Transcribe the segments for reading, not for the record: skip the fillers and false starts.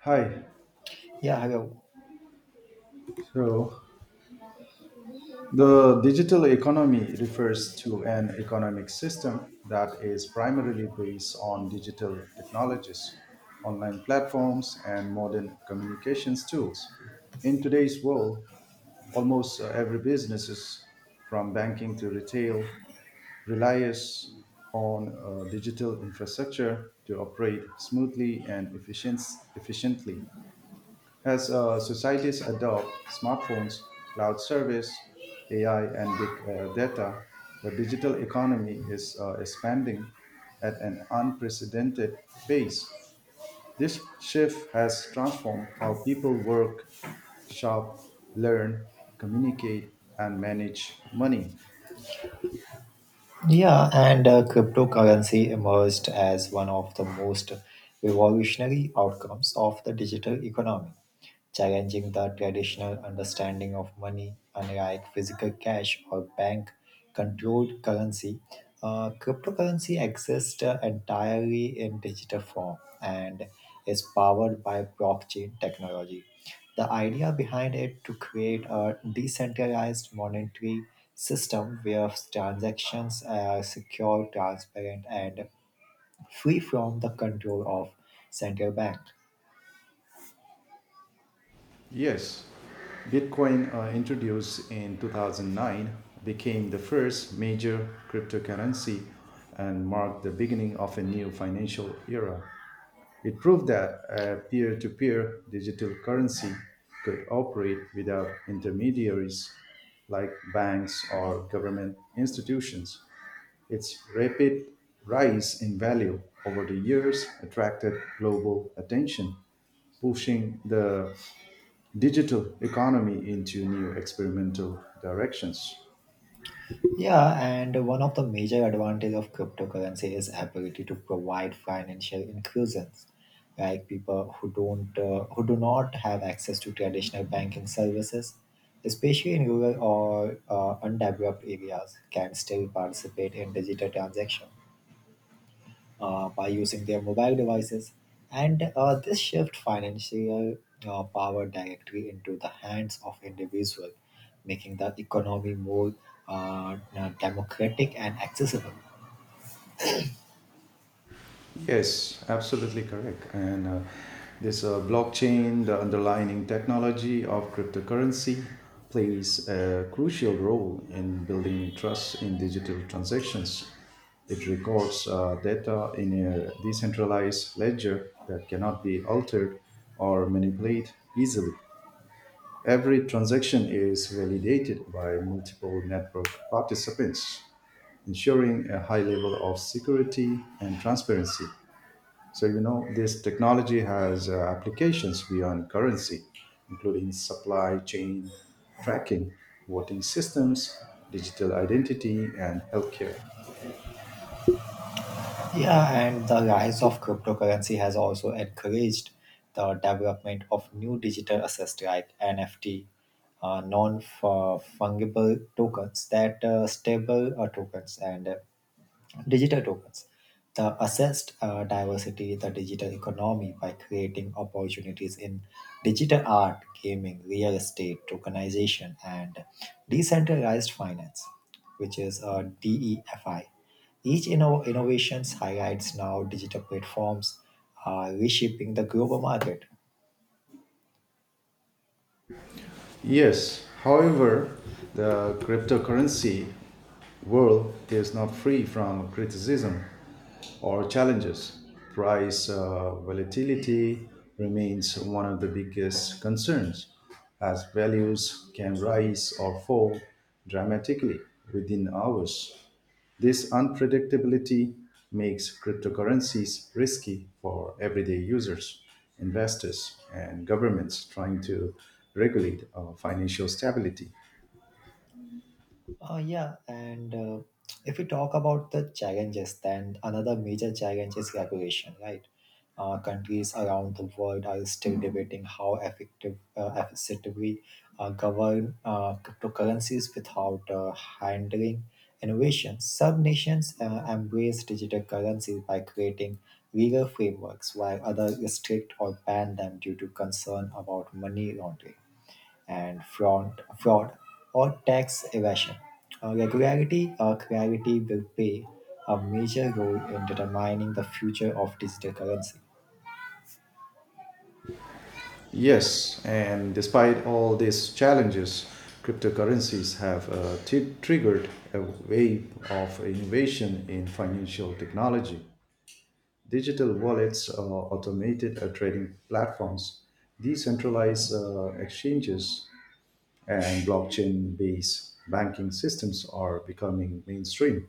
Hi. Yeah, I will. So, the digital economy refers to an economic system that is primarily based on digital technologies, online platforms, and modern communications tools. In today's world, almost every business, from banking to retail, relies on digital infrastructure to operate smoothly and efficiently. As societies adopt smartphones, cloud service, AI, and big data, the digital economy is expanding at an unprecedented pace. This shift has transformed how people work, shop, learn, communicate, and manage money. Yeah, and Cryptocurrency emerged as one of the most revolutionary outcomes of the digital economy, challenging the traditional understanding of money. Unlike physical cash or bank-controlled currency, cryptocurrency exists entirely in digital form and is powered by blockchain technology. The idea behind it to create a decentralized monetary system where transactions are secure, transparent, and free from the control of central bank. Yes, Bitcoin, introduced in 2009, became the first major cryptocurrency and marked the beginning of a new financial era. It proved that a peer to peer digital currency could operate without intermediaries like banks or government institutions. Its rapid rise in value over the years attracted global attention, pushing the digital economy into new experimental directions. Yeah, and one of the major advantage of cryptocurrency is ability to provide financial inclusions. Like people who don't who do not have access to traditional banking services, especially in rural or undeveloped areas, can still participate in digital transactions by using their mobile devices. And this shift financial power directly into the hands of individual, making the economy more democratic and accessible. Yes, absolutely correct. And this blockchain, the underlying technology of cryptocurrency, plays a crucial role in building trust in digital transactions. It records data in a decentralized ledger that cannot be altered or manipulated easily. Every transaction is validated by multiple network participants, ensuring a high level of security and transparency. So, you know, this technology has applications beyond currency, including supply chain tracking, voting systems, digital identity, and healthcare. Yeah, and the rise of cryptocurrency has also encouraged the development of new digital assets like NFT, non-fungible tokens that stable tokens and digital tokens. The assessed diversity, the digital economy by creating opportunities in digital art, gaming, real estate, tokenization, and decentralized finance, which is DEFI. Innovations highlights now digital platforms are reshaping the global market. Yes, however, the cryptocurrency world is not free from criticism or challenges. Price volatility remains one of the biggest concerns, as values can rise or fall dramatically within hours. This unpredictability makes cryptocurrencies risky for everyday users, investors, and governments trying to regulate financial stability. Yeah, and If we talk about the challenges, then another major challenge is regulation, right? Countries around the world are still debating effectively govern cryptocurrencies without handling innovation. Some nations embrace digital currencies by creating legal frameworks, while others restrict or ban them due to concern about money laundering and fraud or tax evasion. Regularity or clarity will play a major role in determining the future of digital currency. Yes, and despite all these challenges, cryptocurrencies have triggered a wave of innovation in financial technology. Digital wallets, automated trading platforms, decentralized exchanges, and blockchain based banking systems are becoming mainstream.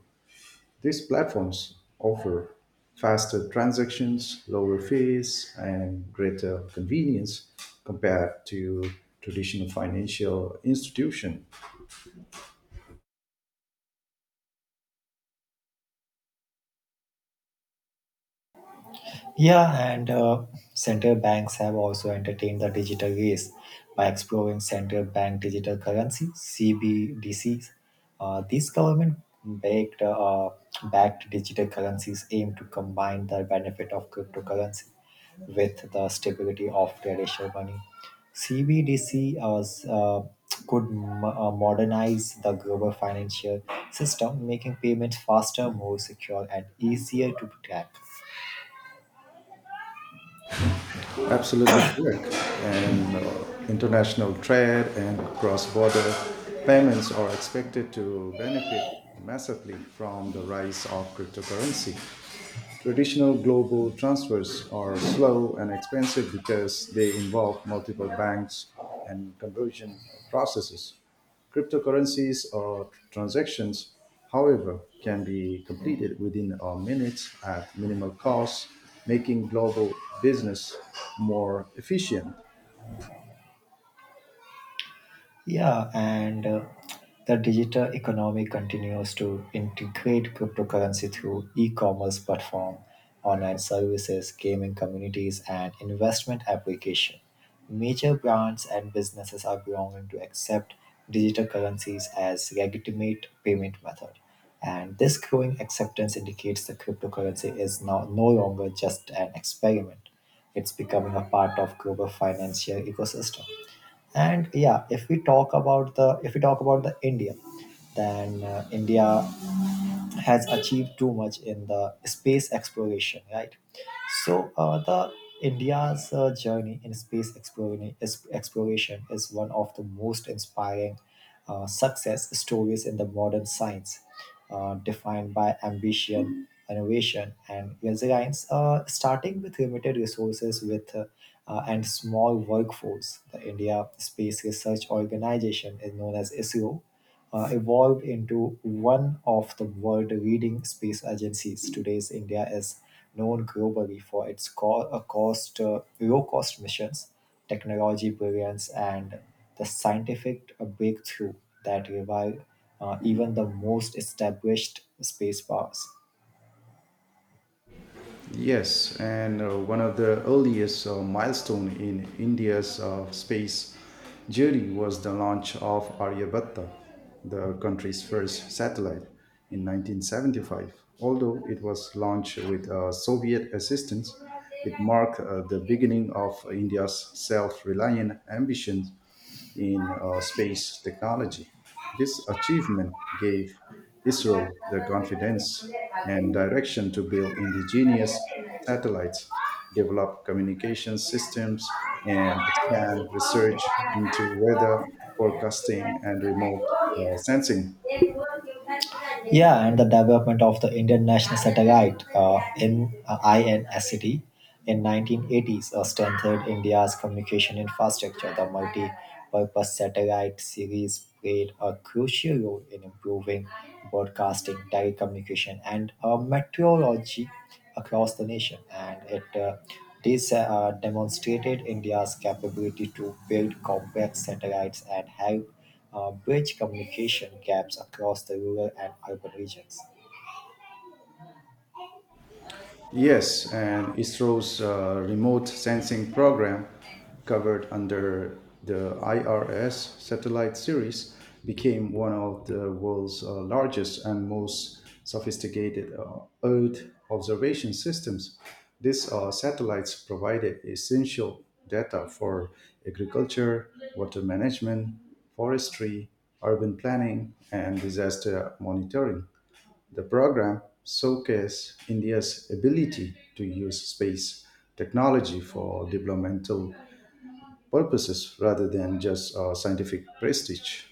These platforms offer faster transactions, lower fees, and greater convenience compared to traditional financial institution. Yeah, and Central banks have also entertained the digital race by exploring central bank digital currency (CBDCs). These government-backed backed digital currencies aim to combine the benefit of cryptocurrency with the stability of traditional money. CBDC as, modernize the global financial system, making payments faster, more secure, and easier to track. Absolutely correct. And international trade and cross-border payments are expected to benefit massively from the rise of cryptocurrency. Traditional global transfers are slow and expensive because they involve multiple banks and conversion processes. Cryptocurrencies or transactions, however, can be completed within a minute at minimal cost, making global business more efficient. Yeah, and The digital economy continues to integrate cryptocurrency through e-commerce platform, online services, gaming communities, and investment application. Major brands and businesses are growing to accept digital currencies as legitimate payment method. And this growing acceptance indicates the cryptocurrency is now no longer just an experiment. It's becoming a part of global financial ecosystem, and yeah, if we talk about the if we talk about the india, then india has achieved too much in the space exploration, right? So the India's journey in exploration is one of the most inspiring success stories in the modern science, defined by ambition, innovation, and resilience. Starting with limited resources, with and small workforce, the India Space Research Organization is known as ISRO, evolved into one of the world leading space agencies. Today's India is known globally for its low cost missions, technology brilliance, and the scientific breakthrough that rival even the most established space powers. Yes, and one of the earliest milestone in India's space journey was the launch of Aryabhatta, the country's first satellite, in 1975. Although it was launched with Soviet assistance, it marked the beginning of India's self-reliant ambitions in space technology. This achievement gave ISRO the confidence and direction to build indigenous satellites, develop communication systems, and expand research into weather forecasting and remote Thank you. Sensing. Yeah, and the development of the Indian National Satellite in INST in 1980s strengthened India's communication infrastructure. The multi-purpose satellite series played a crucial role in improving broadcasting, telecommunication, and meteorology across the nation, and it this demonstrated India's capability to build complex satellites and help bridge communication gaps across the rural and urban regions. Yes, and ISRO's remote sensing program, covered under the IRS satellite series, became one of the world's largest and most sophisticated Earth observation systems. These satellites provided essential data for agriculture, water management, forestry, urban planning, and disaster monitoring. The program showcased India's ability to use space technology for developmental purposes rather than just scientific prestige.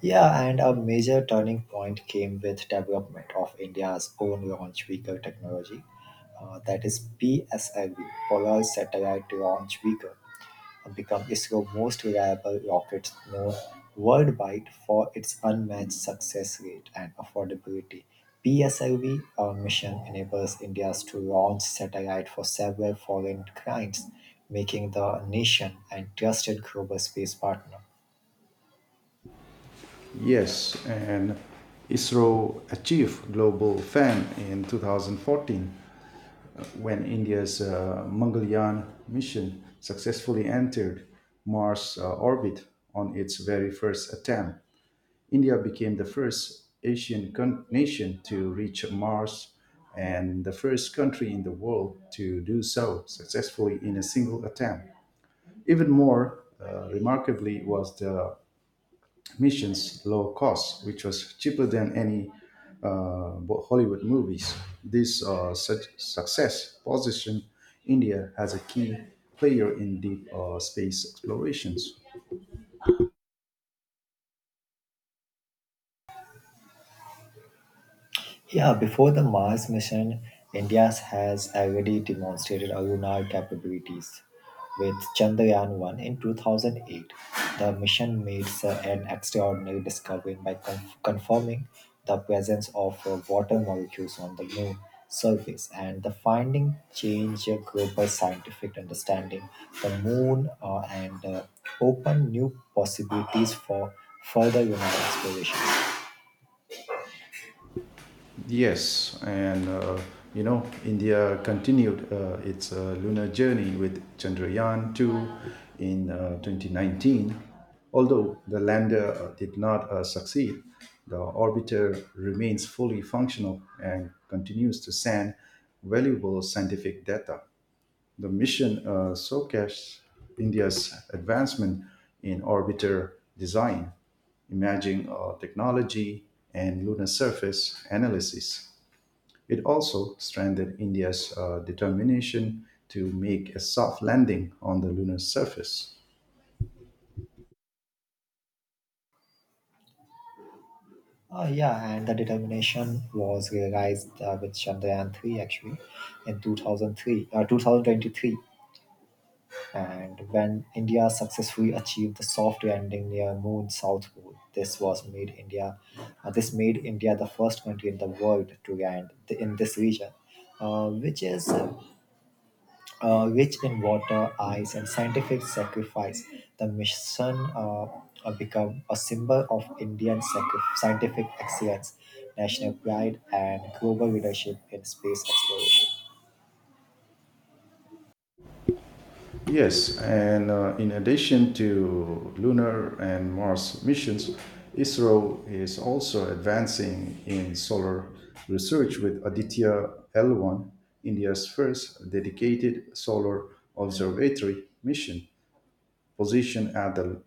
Yeah, and a major turning point came with development of India's own launch vehicle technology, that is PSLV, Polar Satellite Launch Vehicle. The company is the most reliable rockets, known worldwide for its unmatched success rate and affordability. PSLV mission enables India to launch satellite for several foreign clients, making the nation a trusted global space partner. Yes, and ISRO achieved global fame in 2014 when India's Mangalyaan mission successfully entered Mars orbit on its very first attempt. India became the first nation to reach Mars and the first country in the world to do so successfully in a single attempt. Even more remarkably was the mission's low cost, which was cheaper than any uh, Hollywood movies. This such success positioned India as a key player in deep space explorations. Yeah, before the Mars mission, India has already demonstrated lunar capabilities. With Chandrayaan 1 in 2008, the mission made an extraordinary discovery by confirming the presence of water molecules on the moon surface, and the finding changed global scientific understanding the moon and opened new possibilities for further lunar explorations. Yes, and you know, India continued its lunar journey with Chandrayaan 2 in 2019. Although the lander did not succeed, the orbiter remains fully functional and continues to send valuable scientific data. The mission showcased India's advancement in orbiter design, imaging technology, and lunar surface analysis. It also strengthened India's determination to make a soft landing on the lunar surface. Yeah, and the determination was realized with Chandrayaan 3 actually in 2023, and when India successfully achieved the soft landing near Moon South Pole, this made India the first country in the world to in this region, which is rich in water, ice, and scientific sacrifice. The mission become a symbol of scientific excellence, national pride, and global leadership in space exploration. Yes, and in addition to lunar and Mars missions, ISRO is also advancing in solar research with Aditya L1, India's first dedicated solar observatory mission, positioned at the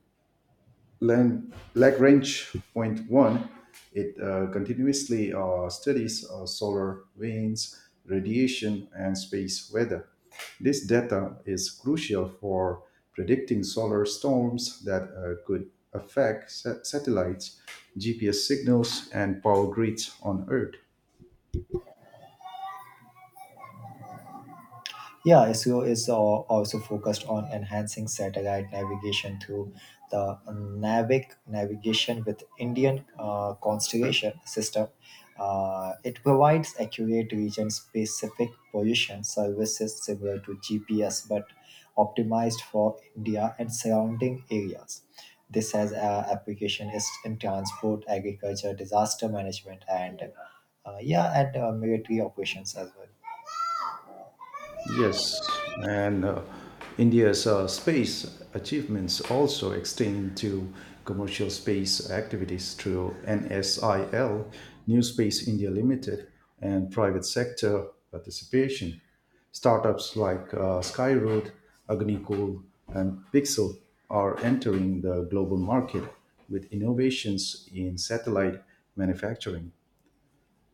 Lagrange point one. It continuously studies solar winds, radiation, and space weather. This data is crucial for predicting solar storms that could affect satellites, GPS signals, and power grids on Earth. Yeah, SEO is also focused on enhancing satellite navigation through the Navic navigation with Indian constellation system. It provides accurate region-specific position services similar to GPS, but optimized for India and surrounding areas. This has application is in transport, agriculture, disaster management, and military operations as well. Yes, and India's space achievements also extend to commercial space activities through NSIL, New Space India Limited, and private sector participation. Startups like Skyroad, Agnicool, and Pixel are entering the global market with innovations in satellite manufacturing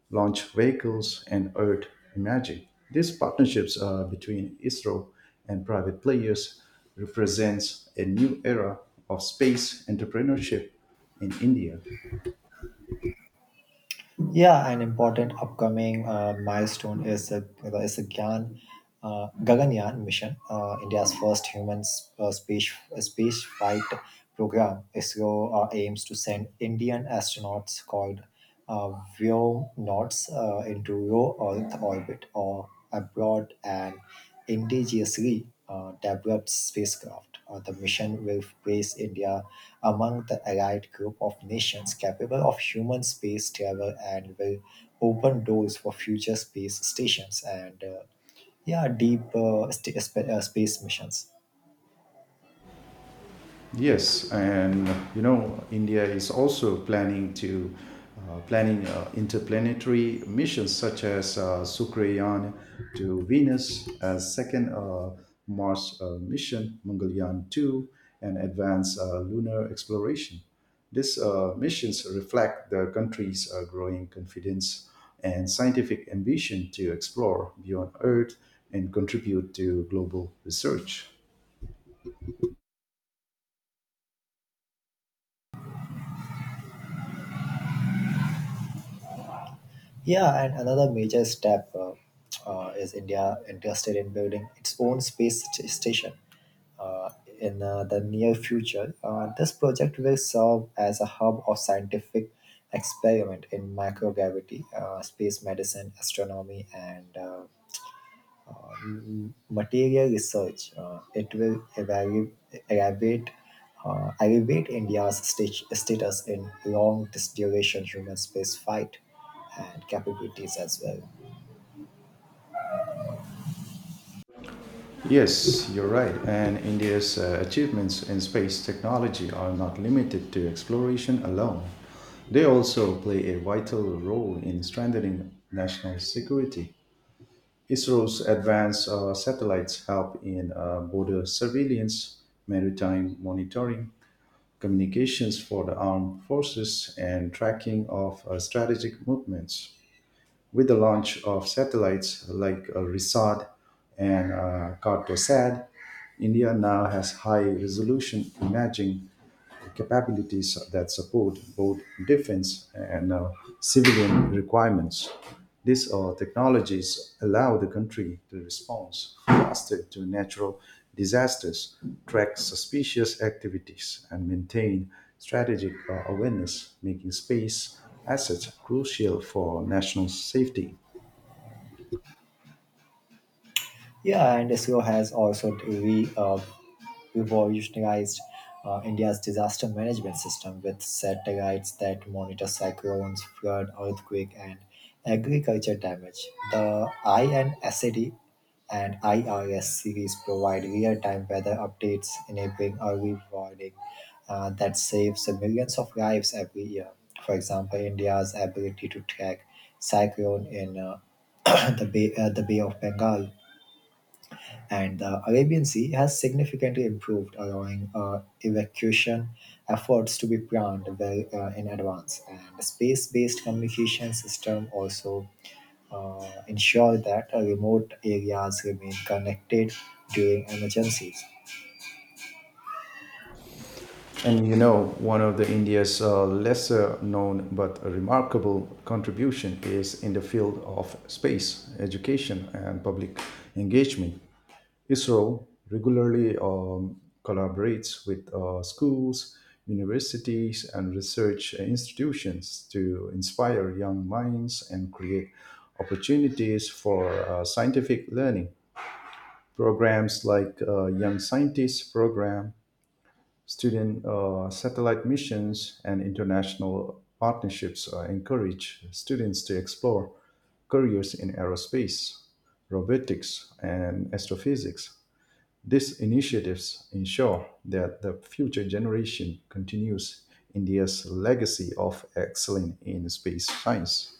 launch vehicles, and Earth Imaging. These partnerships between ISRO and private players represents a new era of space entrepreneurship in India. Yeah, an important upcoming milestone is the Gaganyaan mission, India's first human space flight program. ISRO aims to send Indian astronauts called uh, Vyomnauts into low Earth orbit or abroad and indigenously developed spacecraft. The mission will place India among the allied group of nations capable of human space travel and will open doors for future space stations and deep space missions. Yes, and you know, India is also planning interplanetary missions such as Sukrayaan to Venus, as second Mars mission Mangalyaan 2, and advanced lunar exploration. These missions reflect the country's growing confidence and scientific ambition to explore beyond Earth and contribute to global research. Yeah, and another major step is India interested in building its own station Uh, in the near future. This project will serve as a hub of scientific experiment in microgravity, space medicine, astronomy, and material research. It will elevate elevate status in long duration human space flight and capabilities as well. Yes, you're right. And India's achievements in space technology are not limited to exploration alone. They also play a vital role in strengthening national security. ISRO's advanced satellites help in border surveillance, maritime monitoring, communications for the armed forces, and tracking of strategic movements. With the launch of satellites like RISAT and CartoSat, India now has high resolution imaging capabilities that support both defense and civilian requirements. These technologies allow the country to respond faster to natural disasters, track suspicious activities, and maintain strategic awareness, making space assets crucial for national safety. Yeah, and ISRO has also revolutionized India's disaster management system with satellites that monitor cyclones, flood, earthquake, and agriculture damage. The INSAD and IRS series provide real-time weather updates, enabling early warning that saves millions of lives every year. For example, India's ability to track cyclone in the Bay of Bengal and the Arabian Sea has significantly improved, allowing evacuation efforts to be planned well in advance. And space-based communication system also ensure that remote areas remain connected during emergencies. And you know, one of the India's lesser known but remarkable contribution is in the field of space education and public engagement. ISRO regularly collaborates with schools, universities, and research institutions to inspire young minds and create opportunities for scientific learning. Programs like Young Scientists Program Student satellite missions and international partnerships encourage students to explore careers in aerospace, robotics, and astrophysics. These initiatives ensure that the future generation continues India's legacy of excellence in space science.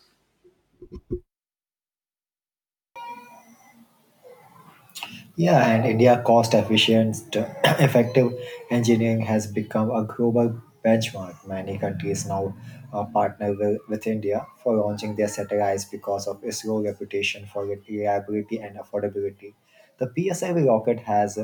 Yeah, and India cost efficient, effective engineering has become a global benchmark. Many countries now with India for launching their satellites because of its low reputation for reliability and affordability. The PSIV rocket has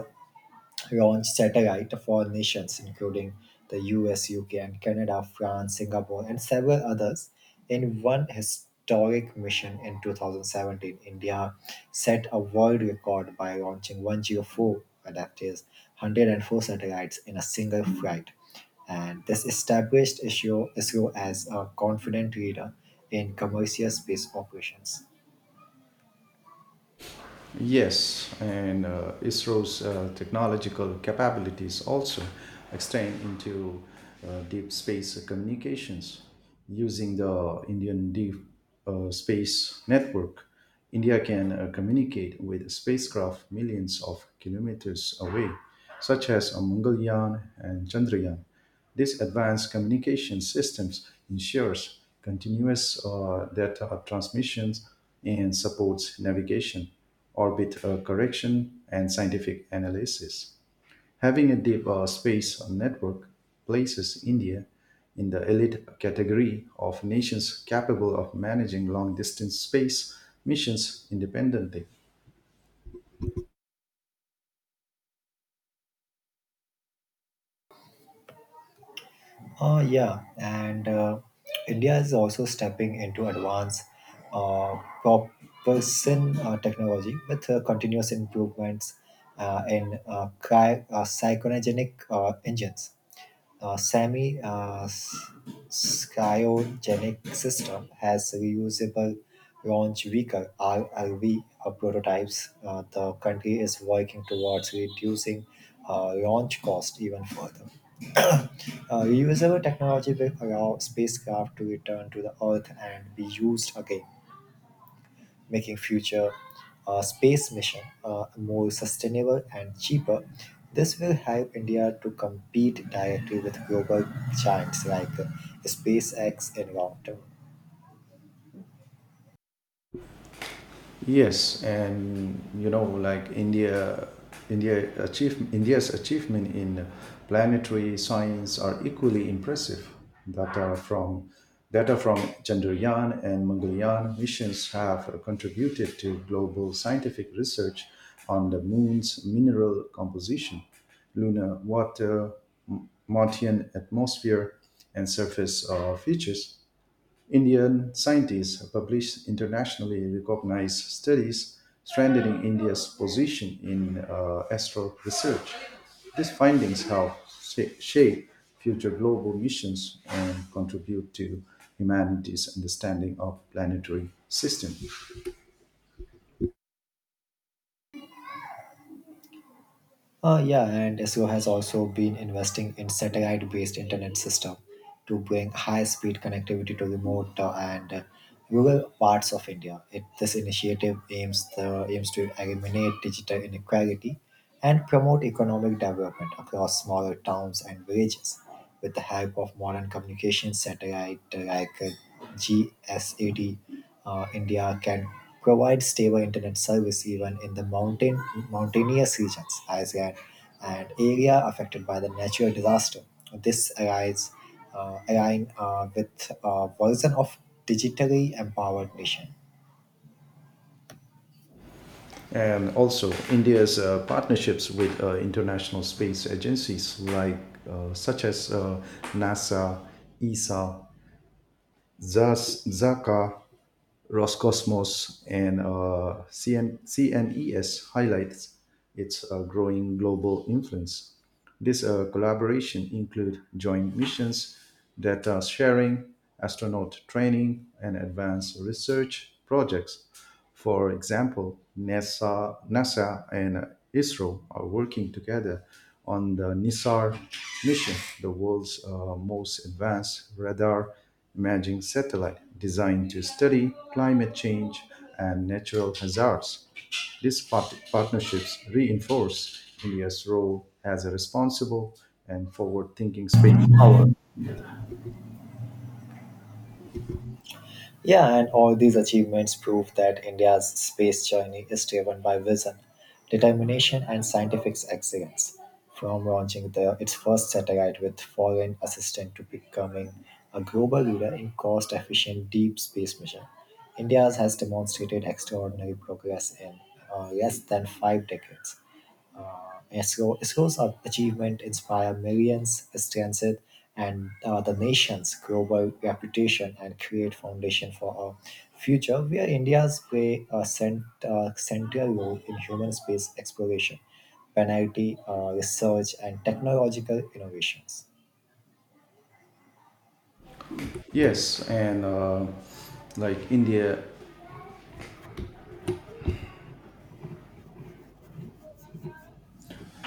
launched satellite for nations including the US, UK, and Canada, France, Singapore, and several others. In one historic mission in 2017, India set a world record by launching 104, that is 104 satellites in a single flight. And this established ISRO as a confident leader in commercial space operations. Yes, and ISRO's technological capabilities also extend into deep space communications. Using the Indian Deep Space Network, India can communicate with spacecraft millions of kilometers away, such as Mangalyaan and Chandrayaan. This advanced communication systems ensures continuous data transmissions and supports navigation, orbit correction, and scientific analysis. Having a deep space network places India in the elite category of nations capable of managing long distance space missions independently. Yeah, and India is also stepping into advanced propulsion technology with continuous improvements in cryogenic engines. Semi cryogenic system has reusable launch vehicle RLV prototypes. The country is working towards reducing launch cost even further. Reusable technology will allow spacecraft to return to the Earth and be used again, making future space mission more sustainable and cheaper. This will help India to compete directly with global giants like SpaceX in long term. Yes, and you know, like India's achievement in planetary science are equally impressive. Data from Data from Chandrayaan and Mangalyaan missions have contributed to global scientific research on the moon's mineral composition, lunar water, Martian atmosphere, and surface features. Indian scientists have published internationally recognized studies strengthening India's position in astro research. These findings help shape future global missions and contribute to humanity's understanding of planetary system. Yeah, and SEO has also been investing in satellite-based internet system to bring high-speed connectivity to remote and rural parts of India. This initiative aims to eliminate digital inequality and promote economic development across smaller towns and villages with the help of modern communication satellite like GSAT. India can provide stable internet service even in the mountainous regions, Iceland, and area affected by the natural disaster. This align with a version of digitally empowered nation. And also, India's partnerships with international space agencies like such as NASA, ESA, ZAS, ZACA, Roscosmos and CNES highlights its growing global influence. This collaboration include joint missions, data sharing, astronaut training, and advanced research projects. For example, NASA and ISRO are working together on the NISAR mission, the world's most advanced radar imaging satellite designed to study climate change and natural hazards. These partnerships reinforce India's role as a responsible and forward-thinking space. Yeah, and all these achievements prove that India's space journey is driven by vision, determination, and scientific excellence. From launching the, its first satellite with foreign assistance to becoming a global leader in cost efficient deep space mission, India has demonstrated extraordinary progress in less than five decades. Of achievement inspire millions, strengthen and the nation's global reputation and create foundation for a future where India's play a central role in human space exploration, penalty research, and technological innovations. Yes, and like India,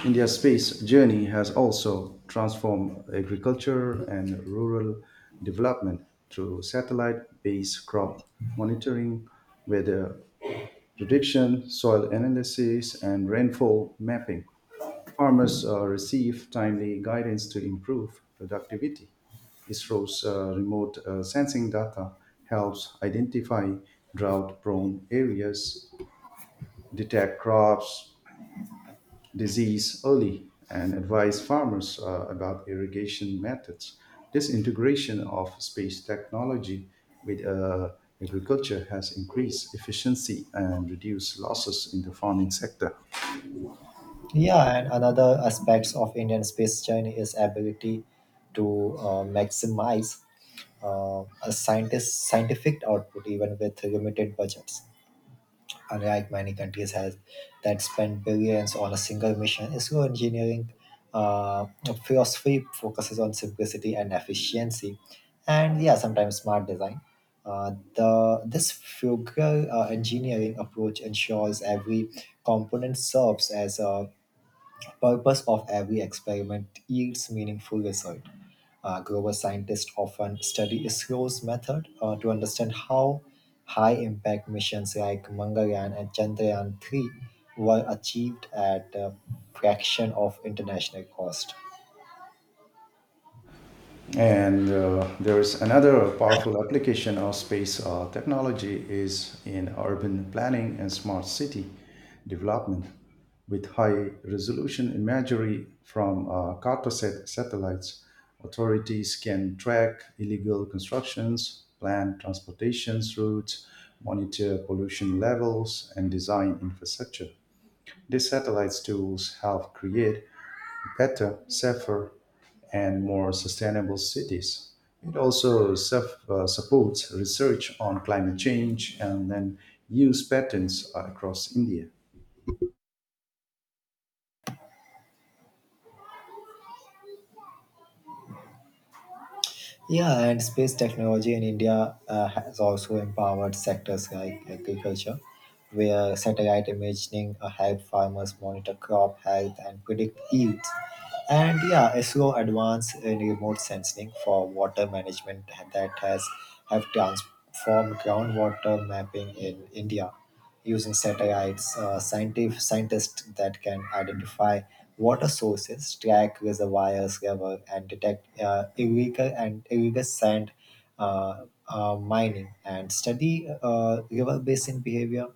India's space journey has also transformed agriculture and rural development through satellite-based crop monitoring, weather prediction, soil analysis, and rainfall mapping. Farmers receive timely guidance to improve productivity. ISRO's remote sensing data helps identify drought prone areas, detect crops, disease early, and advise farmers about irrigation methods. This integration of space technology with agriculture has increased efficiency and reduced losses in the farming sector. Yeah, and another aspects of Indian space journey is ability to maximize a scientist scientific output even with limited budgets, unlike many countries has that spend billions on a single mission. Isro engineering uh, philosophy focuses on simplicity and efficiency, and yeah, sometimes smart design. The this frugal engineering approach ensures every component serves as a purpose of every experiment yields meaningful result. Global scientists often study ISRO's method to understand how high impact missions like Mangalyaan and Chandrayaan 3 were achieved at a fraction of international cost. And there is another powerful application of space technology is in urban planning and smart city development with high resolution imagery from Cartosat satellites. Authorities can track illegal constructions, plan transportation routes, monitor pollution levels, and design infrastructure. These satellites tools help create better, safer, and more sustainable cities. It also supports research on climate change and then use patents across India. Yeah, and space technology in India has also empowered sectors like agriculture, where satellite imaging help farmers monitor crop health and predict yields. And yeah, ISRO advance in remote sensing for water management that has have transformed groundwater mapping in India using satellites. Scientific Scientists that can identify water sources, track reservoirs, river, and detect illegal sand mining, and study river basin behavior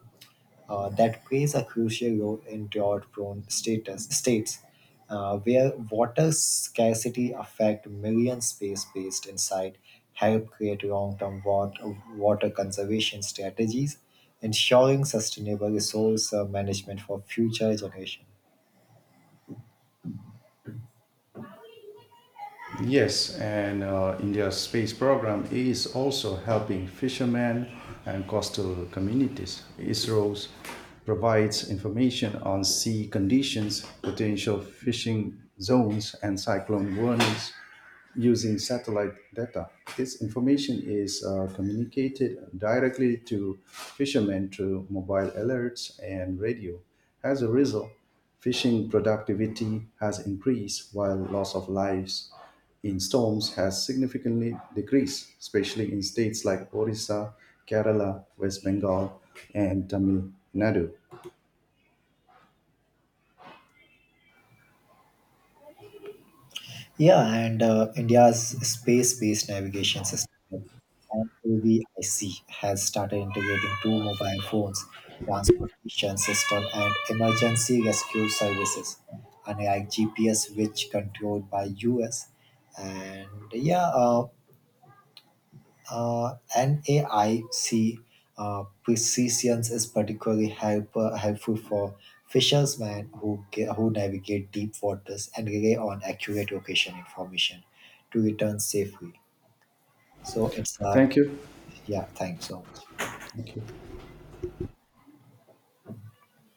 that plays a crucial role in drought-prone status states. Where water scarcity affect million, space-based insight help create long-term water conservation strategies ensuring sustainable resource management for future generations. Yes, and India's space program is also helping fishermen and coastal communities. ISRO provides information on sea conditions, potential fishing zones, and cyclone warnings using satellite data. This information is communicated directly to fishermen through mobile alerts and radio. As a result, fishing productivity has increased while loss of lives in storms has significantly decreased, especially in states like Orissa, Kerala, West Bengal, and Tamil Nadu. Yeah, and India's space-based navigation system, NAVIC, has started integrating two mobile phones, transportation system, and emergency rescue services, unlike GPS, which controlled by US. And yeah, uh, NAIC precisions is helpful for who navigate deep waters and rely on accurate location information to return safely. So it's uh, Thank you. yeah, Thanks so much.